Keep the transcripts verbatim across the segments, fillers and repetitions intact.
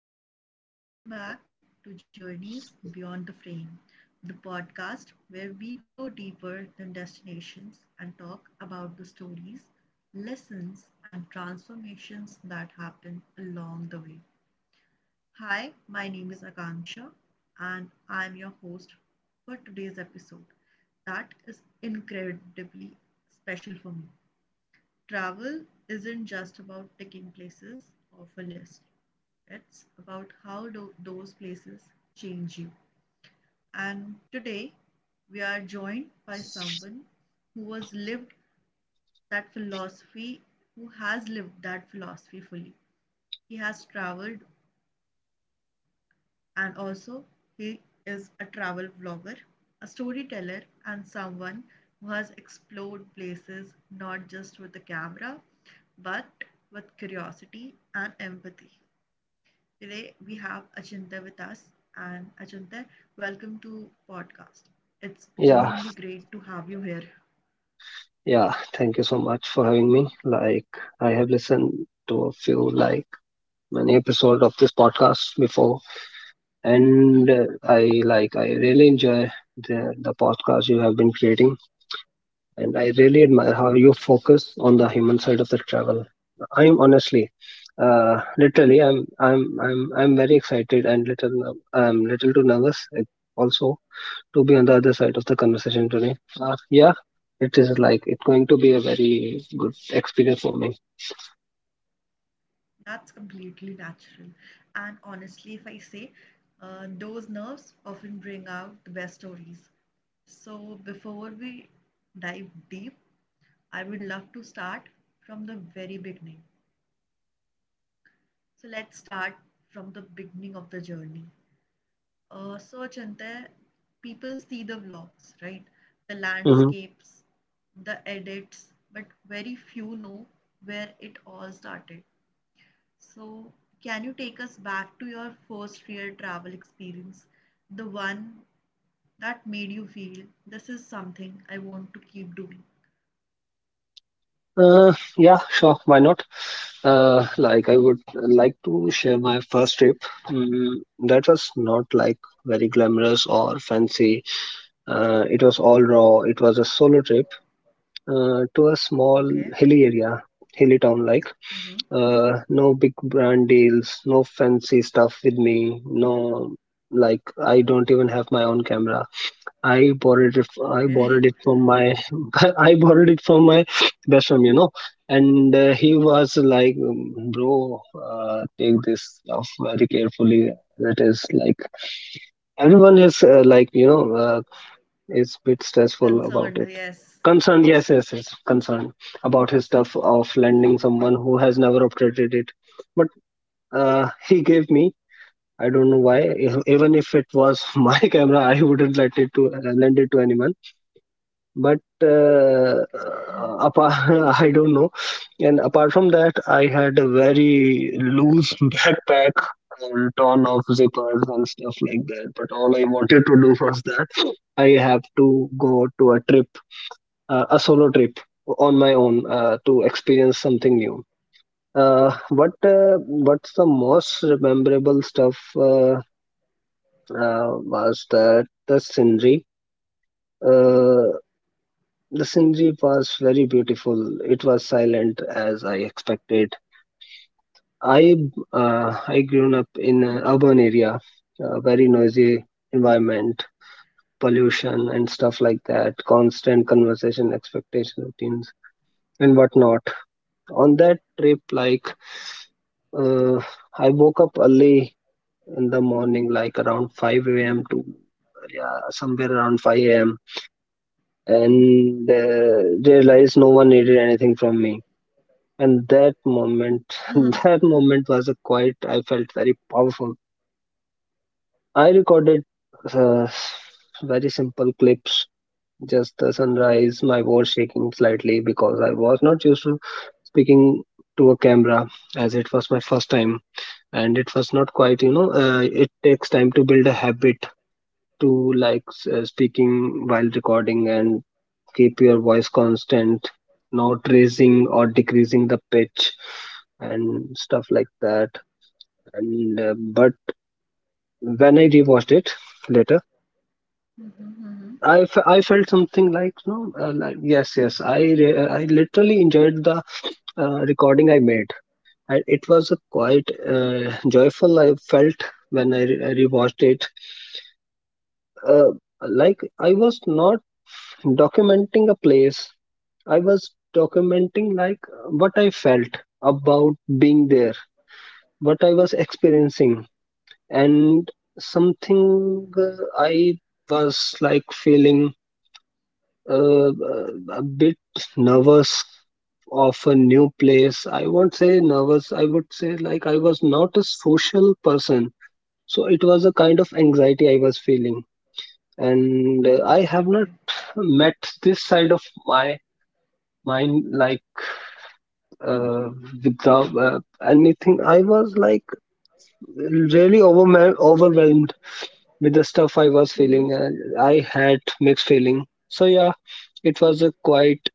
everyone, and welcome back to Journeys Beyond the Frame, the podcast where we go deeper than destinations and talk about the stories, lessons, and transformations that happen along the way. Hi, my name is Akanksha, and I'm your host for today's episode that is incredibly special for me. Travel isn't just about ticking places off a list. It's about how do those places change you. And today, we are joined by someone who has lived that philosophy, who has lived that philosophy fully. He has traveled, and also he is a travel vlogger, a storyteller, and someone who has explored places not just with the camera but with curiosity and empathy. Today we have Achintya with us, and Achintya, welcome to podcast. It's Yeah, genuinely great to have you here. yeah. Thank you so much for having me. Like, I have listened to a few, like, many episodes of this podcast before, and uh, i like i really enjoy the the podcast you have been creating, and I really Thank you admire so how you much. focus on the human side of the travel. I'm honestly, uh literally I'm I'm I'm I'm very excited and little ner- I'm little too nervous, uh, also, to be on the other side of the conversation today. Uh, yeah, it is like it's going to be a very good experience for me. That's completely natural. And honestly, if I say, uh, those nerves often bring out the best stories. So before we dive deep, I would love to start from the very beginning. So let's start from the beginning of the journey. Uh, so Chante, people see the vlogs, right? The Mm-hmm. landscapes, the edits, but very few know where it all started. So, can you take us back to your first real travel experience? The one that made you feel this is something I want to keep doing. Uh, yeah, sure. Why not? Uh, like, I would like to share my first trip. Mm, that was not like very glamorous or fancy. Uh, it was all raw. It was a solo trip uh, to a small Okay. hilly area, hilly town like. Mm-hmm. Uh, no big brand deals, no fancy stuff with me. No, like, I don't even have my own camera. I borrowed it. f- I borrowed Okay. it from my. I borrowed it from my best friend, you know. And uh, he was like, um, "Bro, uh, take this stuff very carefully. It is like everyone is uh, like you know uh, is bit stressful about Concerned. it." Yes. Concerned, yes, yes, yes, concerned about his stuff of lending someone who has never operated it. But uh, he gave me. I don't know why. e- Even if it was my camera, I wouldn't let it to uh, lend it to anyone, but uh, Okay. apart, I don't know. And apart from that, I had a very loose backpack and ton of zippers and stuff like that. But all I wanted to do was that I have to go to a trip, uh, a solo trip on my own, uh, to experience something new. Uh, what uh, what's the most memorable stuff, uh, uh, was that the scenery. Uh, The scenery was very beautiful. It was silent as I expected. I uh, I grew up in an urban area, a very noisy environment, pollution and stuff like that, constant conversation, expectation routines and whatnot. On that trip, like, uh, I woke up early in the morning, like around five a m to, yeah, somewhere around five a m And Okay. uh, realized no one needed anything from me, and that moment that moment was a quite, I felt very powerful. I recorded uh, very simple clips, just the sunrise, my voice shaking slightly because I was not used to speaking to a camera, as it was my first time. And it was not quite, you know uh, it takes time to build a habit to like s- uh, speaking while recording and keep your voice constant, not raising or decreasing the pitch and stuff like that. And uh, but when I rewatched it later, Mm-hmm. Mm-hmm. I, f- I felt something like no, uh, like, yes, yes. I re- I literally enjoyed the uh, recording I made. I, it was a quite uh, joyful I felt when I, re- rewatched it. Uh, like, I was not documenting a place, I was Mm-hmm. documenting like what I felt about being there, what I was experiencing, and Okay. something, uh, I was like feeling uh, uh, a bit nervous of a new place. I won't say nervous, I would say like, I was not a social person. So it was a kind of anxiety I was feeling. And uh, I Mhm. have not Okay. met this side of my mind like, uh, without uh, anything. I was like really overwhelmed, overwhelmed with the stuff I was feeling. Mm-hmm. Uh, I had mixed feeling. So yeah, it was a quite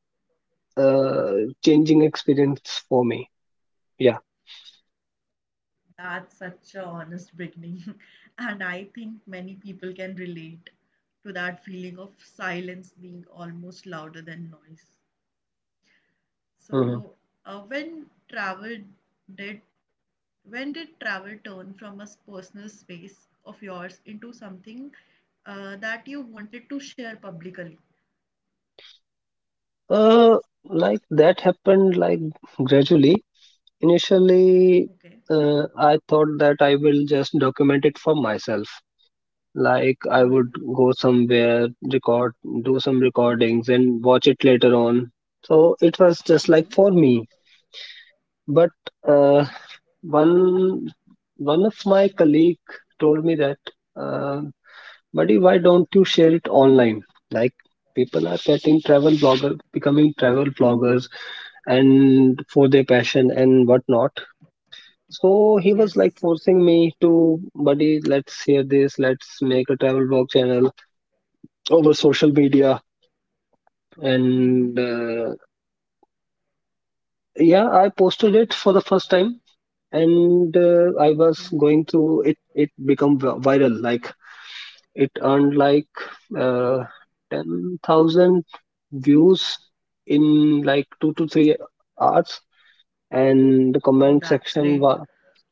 uh, changing experience for me. Yeah. That's such a honest beginning. And I think many people can relate to that feeling of silence being almost louder than noise. Mhm. So, uh, when travel did when did travel turn from a personal space of yours into something uh, that you wanted to share publicly? Uh, like, that happened like gradually. Initially, Okay. uh, I thought that I will just document it for myself. Like, I Mm-hmm. would go somewhere, record, do some recordings, and watch it later on. So it was just like Mm-hmm. for me. But uh, Okay. one one of my colleague told me that, uh, buddy, why don't you share it online? Like, people are getting travel blogger, becoming travel bloggers, and for their passion and whatnot. So he was like Yes. forcing me to, buddy, let's hear this, let's make a travel blog channel over social media. Mm-hmm. And uh, yeah, I posted it for the first time, and uh, I was Okay. going through it it become vi- viral. Like, it earned like uh, ten thousand views in like two to three hours, and the Oh, comment that's section great. was,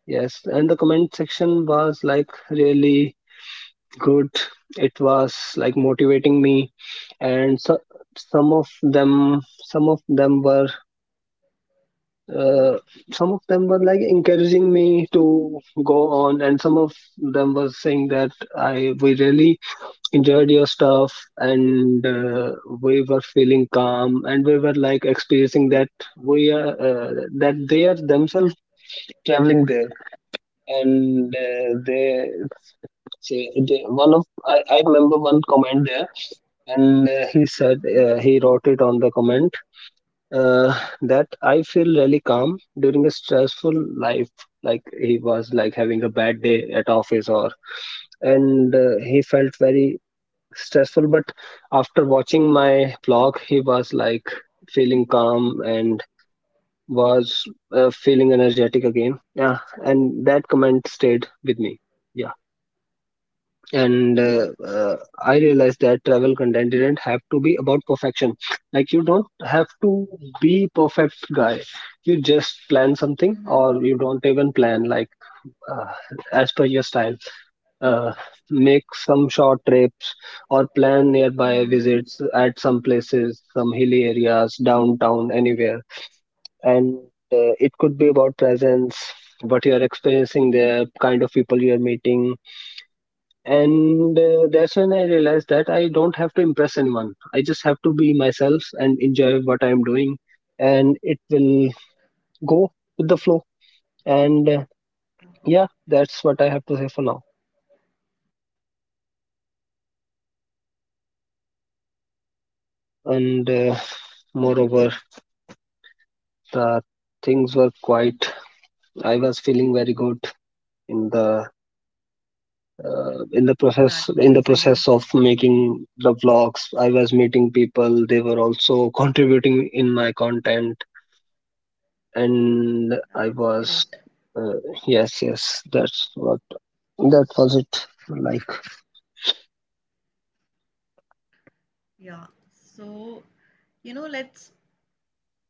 yes, and the comment section was like really good. It was like motivating me. And so, some of them some of them were uh, Mm-hmm. some of them were like encouraging me to go on, and some of them were saying that I we really enjoyed your stuff, and uh, we were feeling calm, and we were like experiencing that we are uh, that they are themselves traveling there. And uh, they say they, one of I, I remember one comment there, and uh, he said Mm-hmm. uh, he wrote it on the comment, uh, that I feel really calm during a stressful life. Like, he was like having a bad day at office, or, and uh, he felt very stressful. But after watching my vlog, he was like feeling calm and was uh, feeling energetic again. Yeah, and that comment stayed with me. Yeah, and uh, uh, I realized that travel content didn't have to be about perfection. Like, you don't have to be perfect guy. You just plan something, Mm-hmm. or you don't even plan like uh, as per your style. uh, Make some short trips or plan nearby Mm-hmm. visits at some places, some hilly areas, downtown, anywhere. And uh, it could be about presence, what you are experiencing there, kind of people you are meeting. And uh, that's when I realized that I don't have to impress anyone, I just have to be myself and enjoy what I'm doing, and it will go with the flow. And uh, Oh, yeah, that's what I have to say for now. thank you for that much information, right? For And uh, that much insiders. moreover, the things were quite, I was feeling very good in the, uh, in the process in the process of making the vlogs, I was meeting people, they were also contributing in my content. And I That's was great. uh, yes, yes, that's what that was it like. Yeah. So, you know, let's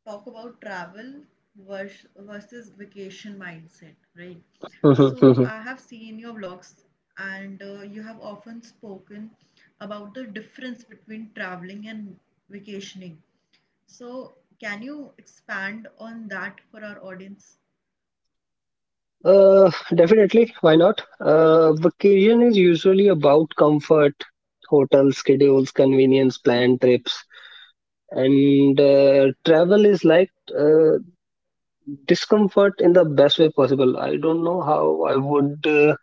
talk about travel vers- versus vacation mindset, right? Mhm, So, mhm. I have seen your blogs, and uh, you have often spoken about the difference between traveling and vacationing. So, can you expand on that for our audience? Uh, definitely, why not? Uh, vacation is usually about comfort, hotel schedules, convenience, planned trips, and uh, Okay. travel is like uh, discomfort in the best way possible. I don't know how I would uh,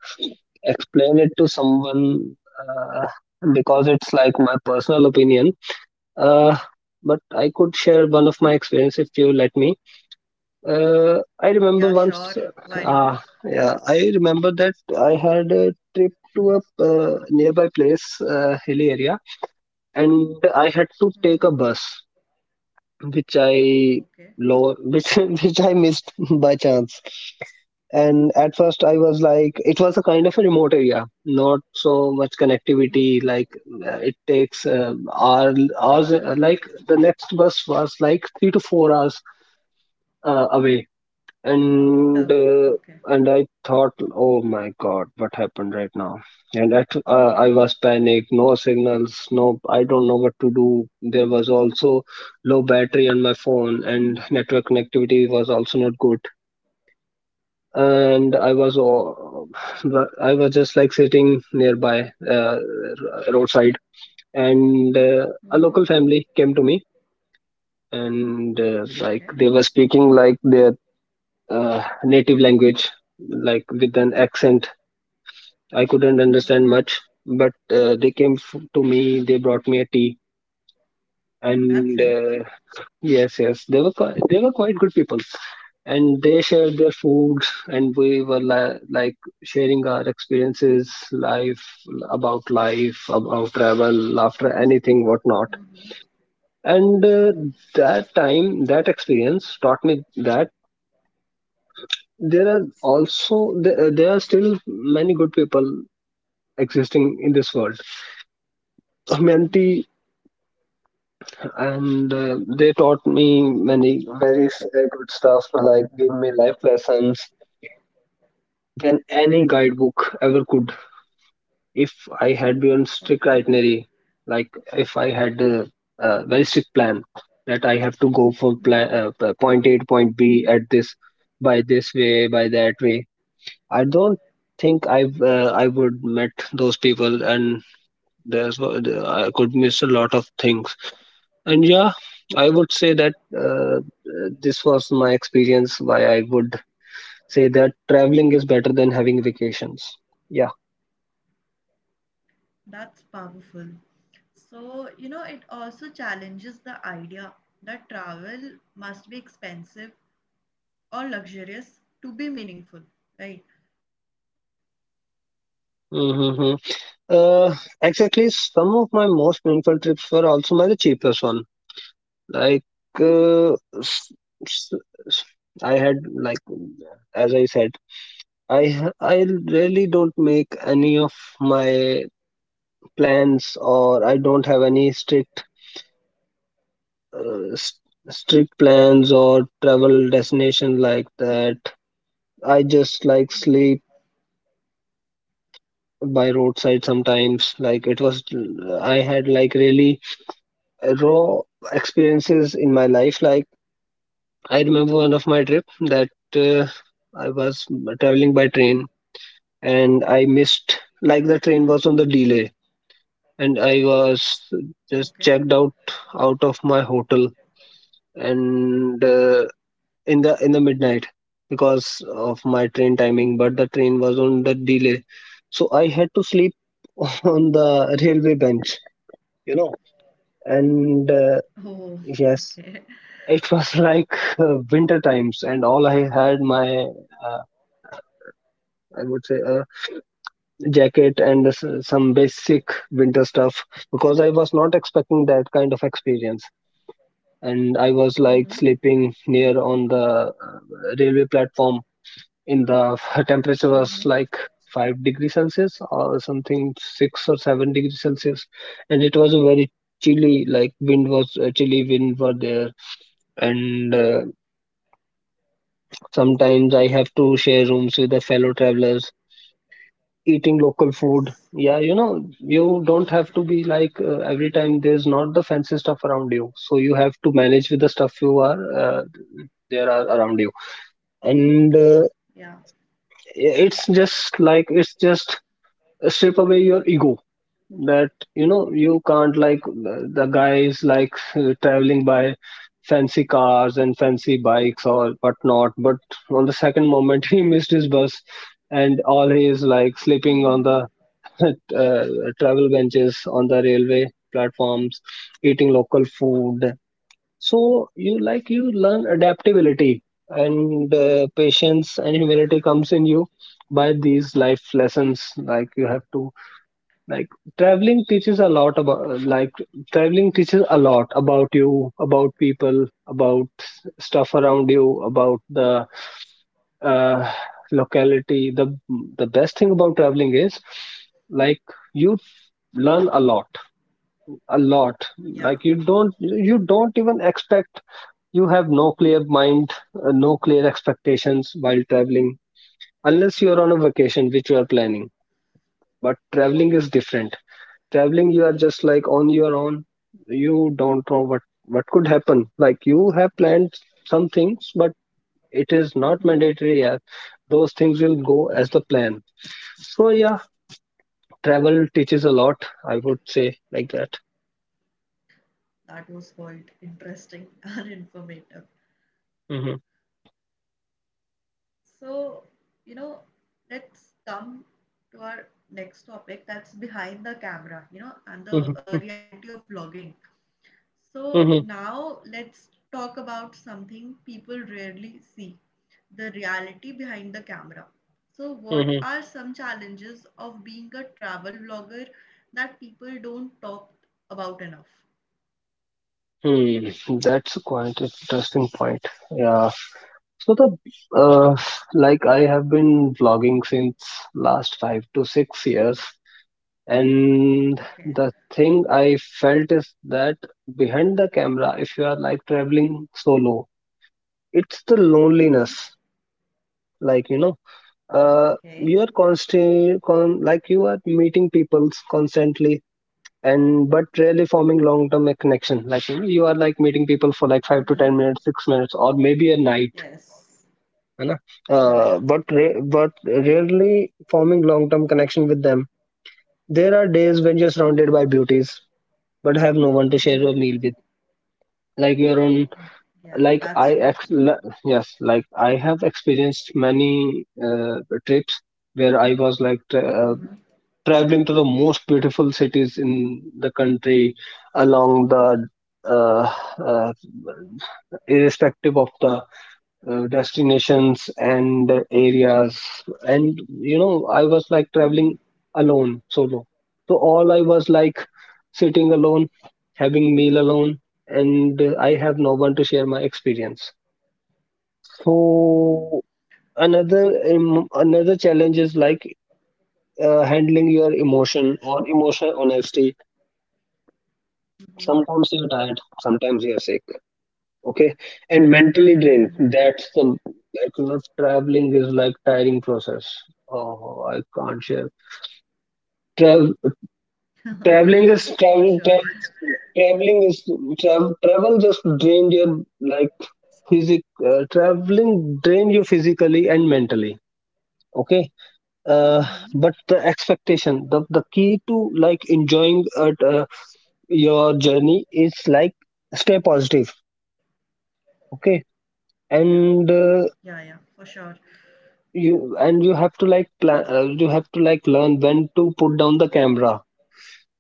explain it to someone, uh, because it's like my personal opinion. Uh, but Mm-hmm. I could share one of my experience if you let me. Uh, I Yeah, remember sure. once, Why not? uh, yeah, I remember that I had a trip to a uh, nearby place, uh, hilly area, and I had to Mm-hmm. take a bus, which I Okay. lower, which which I missed by chance. And at first, I was like, it was a kind of a remote area, not so much Mm. connectivity. Like, uh, it takes um, hour, hours uh, like, the next bus was like three to four hours uh, away. After. And uh, Okay. and I thought, oh my god, what happened right now? And at, uh, I was panicked, no signals, no, I don't know what to do. There was also low battery on my phone, and network connectivity was also not good. And I was o- I was just like sitting nearby uh, roadside, and uh, a Mm-hmm. local family came to me, and uh, like, Okay. they were speaking like their uh, native language, like with an accent. I couldn't understand Okay. much, but uh, they came f- to me. They brought me a tea, That's and helpful. uh, yes, yes, they were quite, they were quite good people, and they shared their food, Okay. and we were li- like sharing our experiences, life, about life, about travel, after anything, whatnot. Mm-hmm. And uh, Mm-hmm. that time, that experience taught me that there are also there, there are still many good people existing in this world, Mm-hmm. humanity. And uh, they taught me many very s- uh, good stuff, like, gave me life lessons than any guidebook ever could. If I had been strict Okay. itinerary, like, if I had a, a very strict plan that I have to go for plan, Mhm, uh, p- point A to point B at this, by this way, by that way, I don't think I've mhm. uh, I would met those people, and there's wa- the- I could miss a lot of things. And yeah, I would say that uh, uh, this was my experience. Why I would say that traveling is better than having vacations. Yeah. That's powerful. So, you know, it also challenges the idea that travel must be expensive or luxurious to be meaningful, right? Mm-hmm. Uh, exactly. Some of my most meaningful trips were also my the cheapest one. Like, Okay. uh, s- That's great. s- s- I had like, as I said, I ha- I really don't make any of my plans, or I don't have any strict uh, s- strict plans or travel destination like that. I just like sleep Mm-hmm. by roadside sometimes. Like it was, I had like really raw experiences in my life. Like I remember one of my trip that uh, I was traveling by train and I missed Mm-hmm. like the train was on the delay and I was Okay. just checked out out of my hotel and uh, in the in the midnight because of my train timing, but the train was on the delay, so I had to sleep on the railway bench you know and Oh, uh, okay. Yes, it was like uh, winter times, and all I had my uh, I would say a jacket and s- some basic winter stuff because I was not expecting that kind of experience. And I was Mm-hmm. like sleeping near on the uh, railway platform in the temperature Mm-hmm. was like five degrees celsius or something, six or seven degrees celsius. And it was a very chilly, like wind was uh, chilly wind were there. And uh, Sometimes I have to share rooms with the fellow travelers, eating local food. Yes. Yeah, you know, you don't have Okay. to be like uh, every time there's not the fancy stuff around you. So you have to manage with the stuff you are uh, there are around you. And uh, Yeah. it's just like it's just strip away your ego that you know you can't like the the guy is like traveling by fancy cars and fancy bikes or whatnot, but on the second moment he missed his bus and all he is like sleeping on Mm-hmm. the uh, travel benches on the railway platforms, eating local food. So you like you learn adaptability and uh, patience and humility comes in you by these life lessons. Like you have to like traveling teaches a lot about like traveling teaches a lot about you, about people, about s- stuff around you, about the uh, locality. The the best thing about traveling is like you learn a lot a lot. Like Yeah. you don't you don't even expect, you have no clear mind, uh, no clear expectations while traveling unless you're on a vacation which you are planning. But traveling is different. Traveling, you are just like on your own. You don't know what what could happen. Like you have planned some things, but it is not Mm-hmm. mandatory, yeah, those things will go as the plan. So yeah, travel teaches a lot, I would say, like that. That was quite interesting and informative. hmm So, you know, let's come to our next topic, that's behind the camera, you know, and the uh, hmm reality of vlogging. So, hmm now let's talk about something people rarely see, the reality behind the camera. So, what hmm are some challenges of being a travel vlogger that people don't talk about enough? Hmm. That's quite interesting point. Yeah. So the uh, like I have been vlogging since last five to six years, and Okay. the thing I felt is that behind the camera, if you are like traveling solo, it's the Mm-hmm. loneliness. Like you know uh Okay. you are constant con- like you are meeting people constantly, and but really forming long term connection. Like you know, you are like meeting people for like five to ten Mm-hmm. minutes, six minutes, or maybe a night, Yes. you know Yeah, uh, yeah. but ra- but rarely forming long term connection with them. There are days when you're surrounded by Mm-hmm. beauties but have no one to share a meal Mm-hmm. with. Like your own, Oh, yeah, like I, that's true. ex- li- yes, like I have experienced many uh, trips where I was like tra- uh, Mm-hmm. traveling to the most beautiful cities in the country along the uh, uh, irrespective of the uh, destinations and areas. And You know, I was like Hmm. traveling alone, solo. So all I was like sitting alone, having meal alone, and uh, I have no one to share my experience. So another em- another challenge is like uh, handling your emotion or emotional honesty. Mm-hmm. Sometimes you're tired, sometimes you're sick. Okay. And mentally drained. Mm-hmm. That's the like you know traveling is like tiring process. Oh, I can't share. Tra- Mm-hmm. traveling is For traveling sure. travel, traveling is travel, travel just drain your like physic uh, traveling drain you physically and mentally. Okay. uh, Mm-hmm. but the expectation, the, the key to like enjoying at, uh, your journey is like stay positive. Okay. Yeah, and uh, yeah, yeah, for sure. you and you have to like plan, uh, you have to like learn when to put down the camera.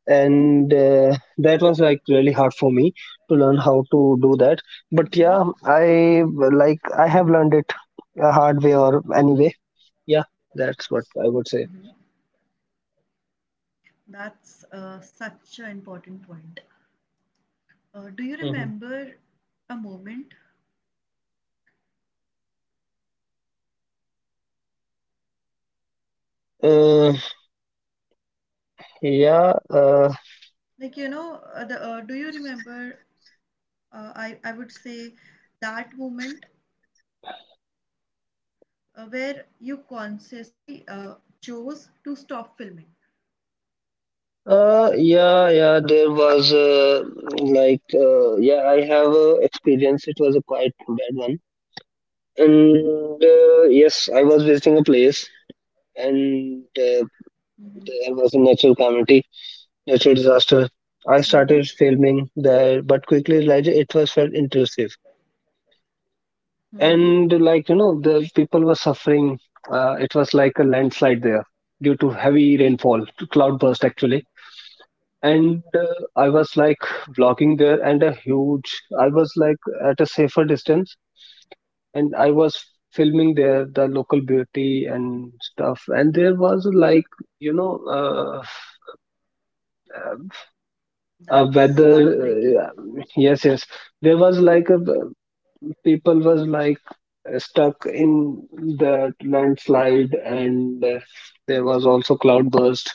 And uh, that was like really hard for me to learn how to do that. But yeah, Hmm. I like I have learned it a hard way or anyway. Yeah, that's what I would say. Mm-hmm. That's uh, such an important point. Uh, do you Mhm. remember a moment? uh, yeah uh, Like, you know, uh, the, uh, do you remember, uh, I, I would say, that moment uh, where you consciously uh, chose to stop filming? uh yeah, yeah, there was uh, like uh, yeah, I have a experience, it was a quite bad one. And uh, yes, I was visiting a place, and uh, Hmm. there was a natural calamity, natural disaster. I Hmm. started filming there, but quickly realized it was felt intrusive. Hmm. And like you know, the people were suffering. Uh, it was like a landslide there due to heavy rainfall, to cloudburst actually. And uh, I was like vlogging there, and a huge. I was like at a safer distance, and I was filming there the local beauty and stuff. And there was like you know, uh, uh, That's whether uh, heartbreaking. yes, yes, there was like a people was like stuck in the landslide. And uh, there was also cloud burst,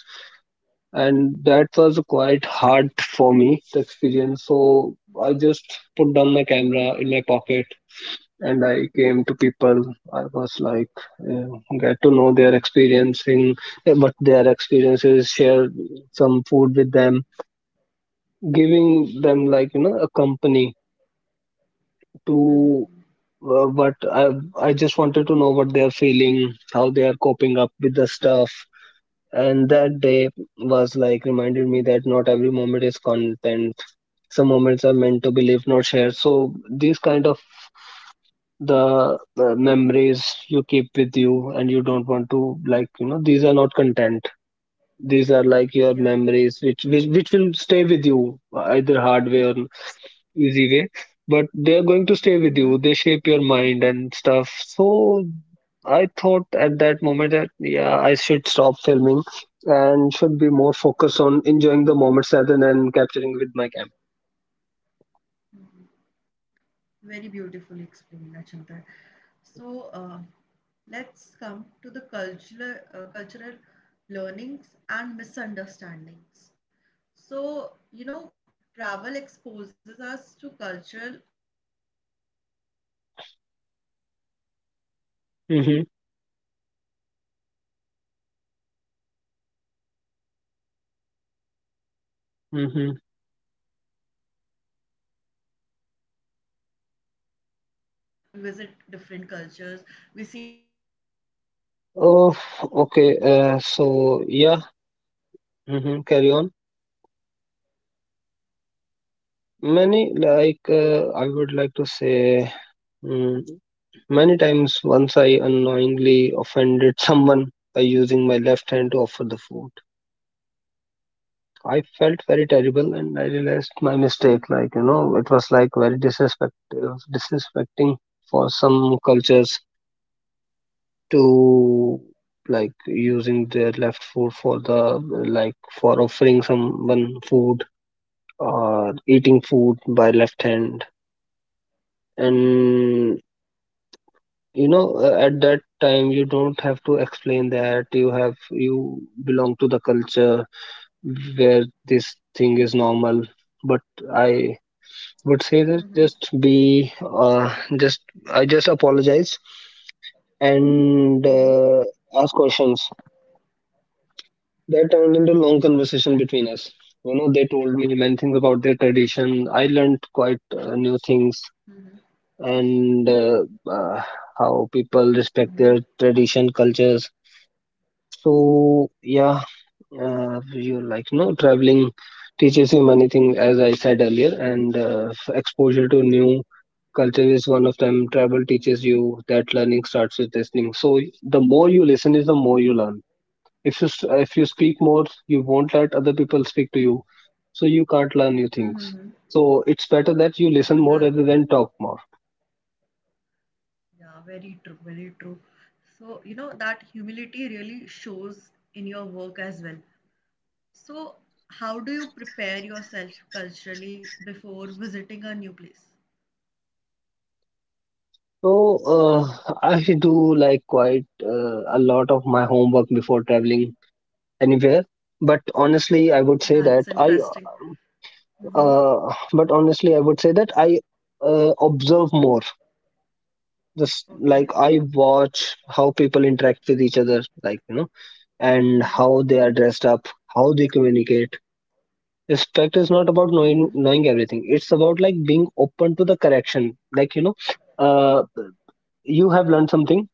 and that was quite hard for me to experience. So I just put down my camera in my pocket, and I came to people. I was like uh, get to know their experiencing uh, what their experiences, share some food with them, giving them like you know a company to Mm-hmm. uh, but I I just wanted to know what they are feeling, how they are coping up with the stuff. And that day was like reminded me that not every moment is content. Some moments are meant to be lived, not shared. So these kind of the uh, memories you keep with you, and you don't want to like you know these are not content. These are like your Yeah. memories, which which which will stay with you either hard way or easy way, but they're going to stay with you, Mm-hmm. they shape your mind and stuff. So I thought at that moment that yeah, I should stop filming and should be more focused on enjoying the moments rather than capturing with my camera. Hmm. Very beautifully explained, Achinta. So uh, let's come to the cultural uh, cultural learnings and misunderstandings. So you know, travel exposes us to cultural cultures very different from our own, right? We, dif- uh, we Mm-hmm, visit different cultures, we see different culture, uh, and that time we are so shocked that, oh, this mm-hmm. also exists. So was there ever a moment when you misunderstood a culture and learned from it? Oh, okay. Uh, so yeah. Mm-hmm, carry on. Many, like uh, I would like to say, mm, many times, once I unknowingly offended someone by using my left hand to offer the food. I felt Okay. very terrible, That's. and I realized my mistake. Like you know, it was like very disrespectful, disrespecting for some cultures to like using their left foot for the like for offering someone food or eating food by left hand. And you know, uh, at that time, you don't have to explain that you have you belong to the culture where this thing is normal. But I would say Mm-hmm. that just be uh, just I just apologize, and Mm-hmm. uh, ask questions that turned into long conversation between us. You know, they told me many things about their tradition. I learned quite uh, new Mm-hmm. things. And uh, uh, how Mm-hmm. people respect their tradition cultures. So yeah, uh, you like no traveling teaches you many things, as I said earlier. And uh, exposure to new culture is one of them. Travel teaches you that learning starts with listening, so the more you listen is the more you learn. If you s- if you speak more, you won't let other people speak to you, so you can't learn new Mm-hmm. things. Mm-hmm. So it's better that you That, listen more that, rather than talk more. Yeah, very true, very true. So, you know, that humility really shows in your work as well. So, how do you prepare yourself culturally before visiting a new place? So uh, I do like quite uh, a lot of my homework before traveling anywhere, but honestly I would say that That's I interesting. Mm-hmm. uh, but honestly I would say that I uh, observe more. Just like Okay. I watch how people interact with each other, like you know, and Mm-hmm. how they are dressed up, how they communicate. Respect is not about knowing Mm-hmm. knowing everything. It's about like being open to the correction. Like you know, uh, you have learned something.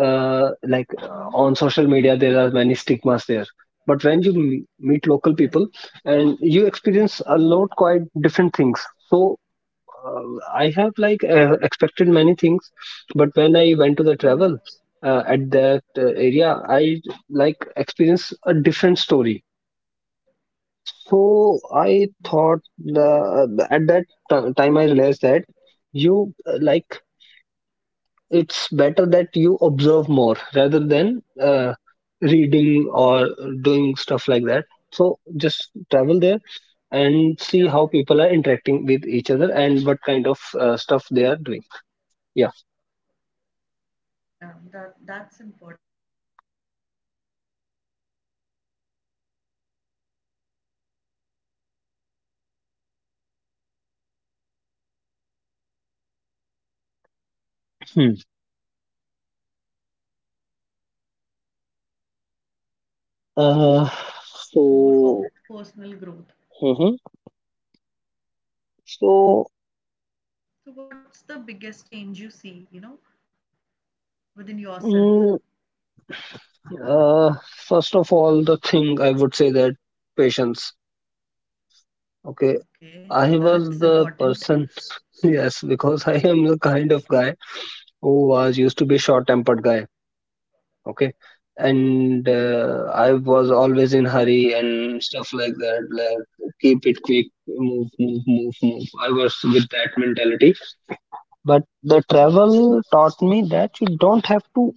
Uh, like uh, Mm-hmm. on social media, there are many stigmas there. But when you m- meet local Yes. people and you experience a Mm-hmm. lot quite different things. So uh, I have like uh, expected That. many things, but when I went to the Mm-hmm. travel uh, at that uh, area, I like experienced a different story. So I thought the, at that t- time I realized that you uh, like it's better that you observe more rather than uh, reading or doing stuff like that. So just travel there Yeah. and see how people are interacting with each other and what kind of uh, stuff they are doing. Yeah. Yeah. That that's important. So, you know, travel also gives us more of personal growth, right? So, if you look back at yourself before travel and now, what's the biggest change you see? Uh, so, mhm. so So, what's the biggest change you see, you know, within yourself? mm, uh, first of all, the thing I would say that patience. Okay, Okay, I was that's the important. person, yes, because I am the kind of guy who was used to be short-tempered guy. Okay, Okay. and uh, I was always in hurry and stuff like that. Like keep it quick, move, move, move, move. I was with that mentality. But the Mm-hmm. travel taught me that you don't have to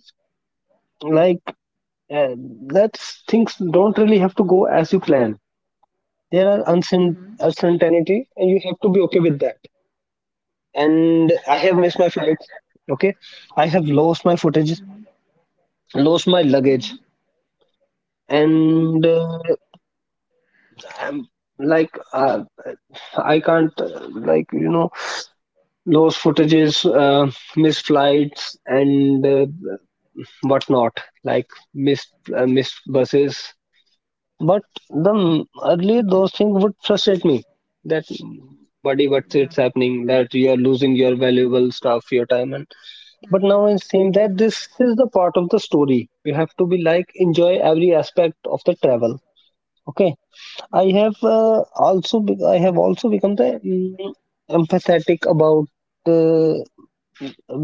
like and that things don't really have to go as you plan. There are uncert- Mm-hmm. uncertainty, and you have to be okay with that. And I have missed my Yes. flights. Okay, I have lost my footage, Mm-hmm. lost my luggage, Mm-hmm. and uh, I'm like uh, I can't uh, like you know lost footages, uh, missed flights, and uh, whatnot. Like missed uh, missed buses. But the m- earlier those things would frustrate me. That buddy, what's Yeah. it's happening? That you are losing your valuable stuff, your time, and but now Mm-hmm. it seems that Mm-hmm. this is the part of the story. You have to be like enjoy every aspect of the travel. Okay, I Mm-hmm. have uh, also be- I have also become the mm, empathetic about uh,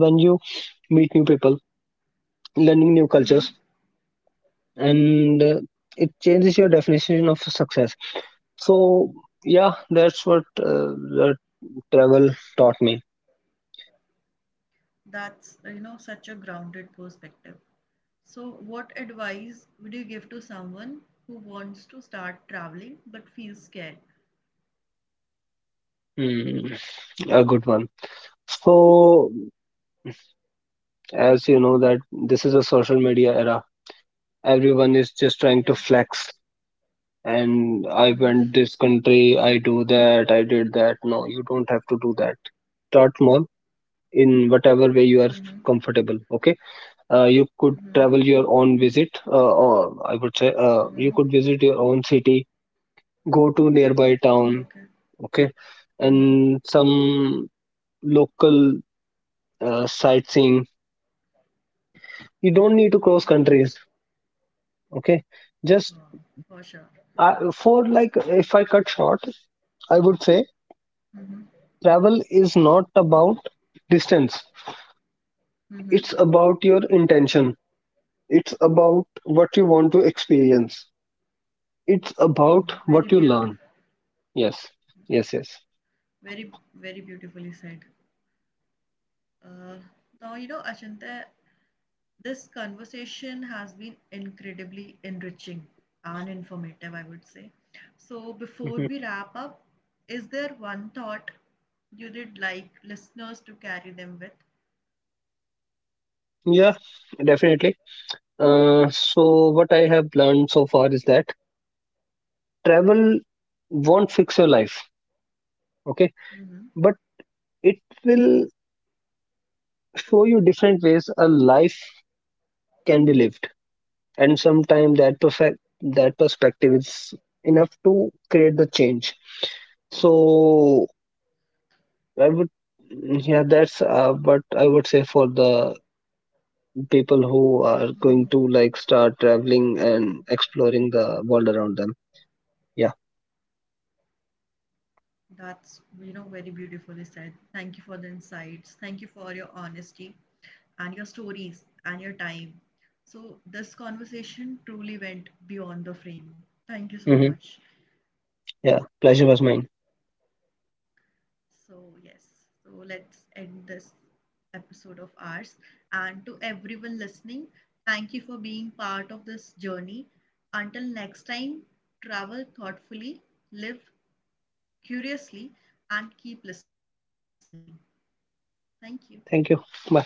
when you meet new people, learning new Mm-hmm. cultures, and uh, it changes your definition of success. So yeah, that's what uh, the travel taught me. That's, uh, you know, such a grounded perspective. So, what advice would you give to someone who wants to start traveling but feels scared? Mm, a good one. So as you know that this is a social media era. Everyone is just trying Yeah. to flex. And I Mm-hmm. went this country, I do that, I did that. No, you don't have to do that. Start small in whatever way you are Mm-hmm. comfortable. Okay, uh, you could Mm-hmm. travel your own visit, uh, or I would say, uh, Mm-hmm. you could visit your own city, go to nearby town. Okay. Okay. Mm-hmm. And some local uh, sightseeing. You don't need to cross Okay. countries. Okay. Just Wow. For sure. uh, for like if I cut short, I would say Mm-hmm. travel is not about distance. Mm-hmm. It's about your intention. It's about what you want to experience. It's Oh, about very what you beautiful. learn. yes yes yes. Very, very beautifully said. Uh, Now, you know, Achante, this conversation has been incredibly enriching and informative, I would say. So, before Hmm. we wrap up, is there one thought you did like listeners to carry them with? Yeah, definitely. Uh, so what I have learned so far is that travel won't fix your life. Okay. Hmm. But it will show you different ways a life can be lived. And sometimes that perfect that perspective is enough to create the change. So I would, yeah, that's uh, what I would say for the people who are Hmm. going to like start traveling and exploring the world around them. Yeah. That's, you know, very beautifully said. Thank you for the insights. Thank you for your honesty and your stories and your time. So, this conversation truly went beyond the frame. Thank you so Hmm. much. Yeah, pleasure was mine. So, yes, so let's end this episode of ours. And to everyone listening, thank you for being part of this journey. Until next time, travel thoughtfully, live curiously, and keep listening. Thank you. Thank you. Bye.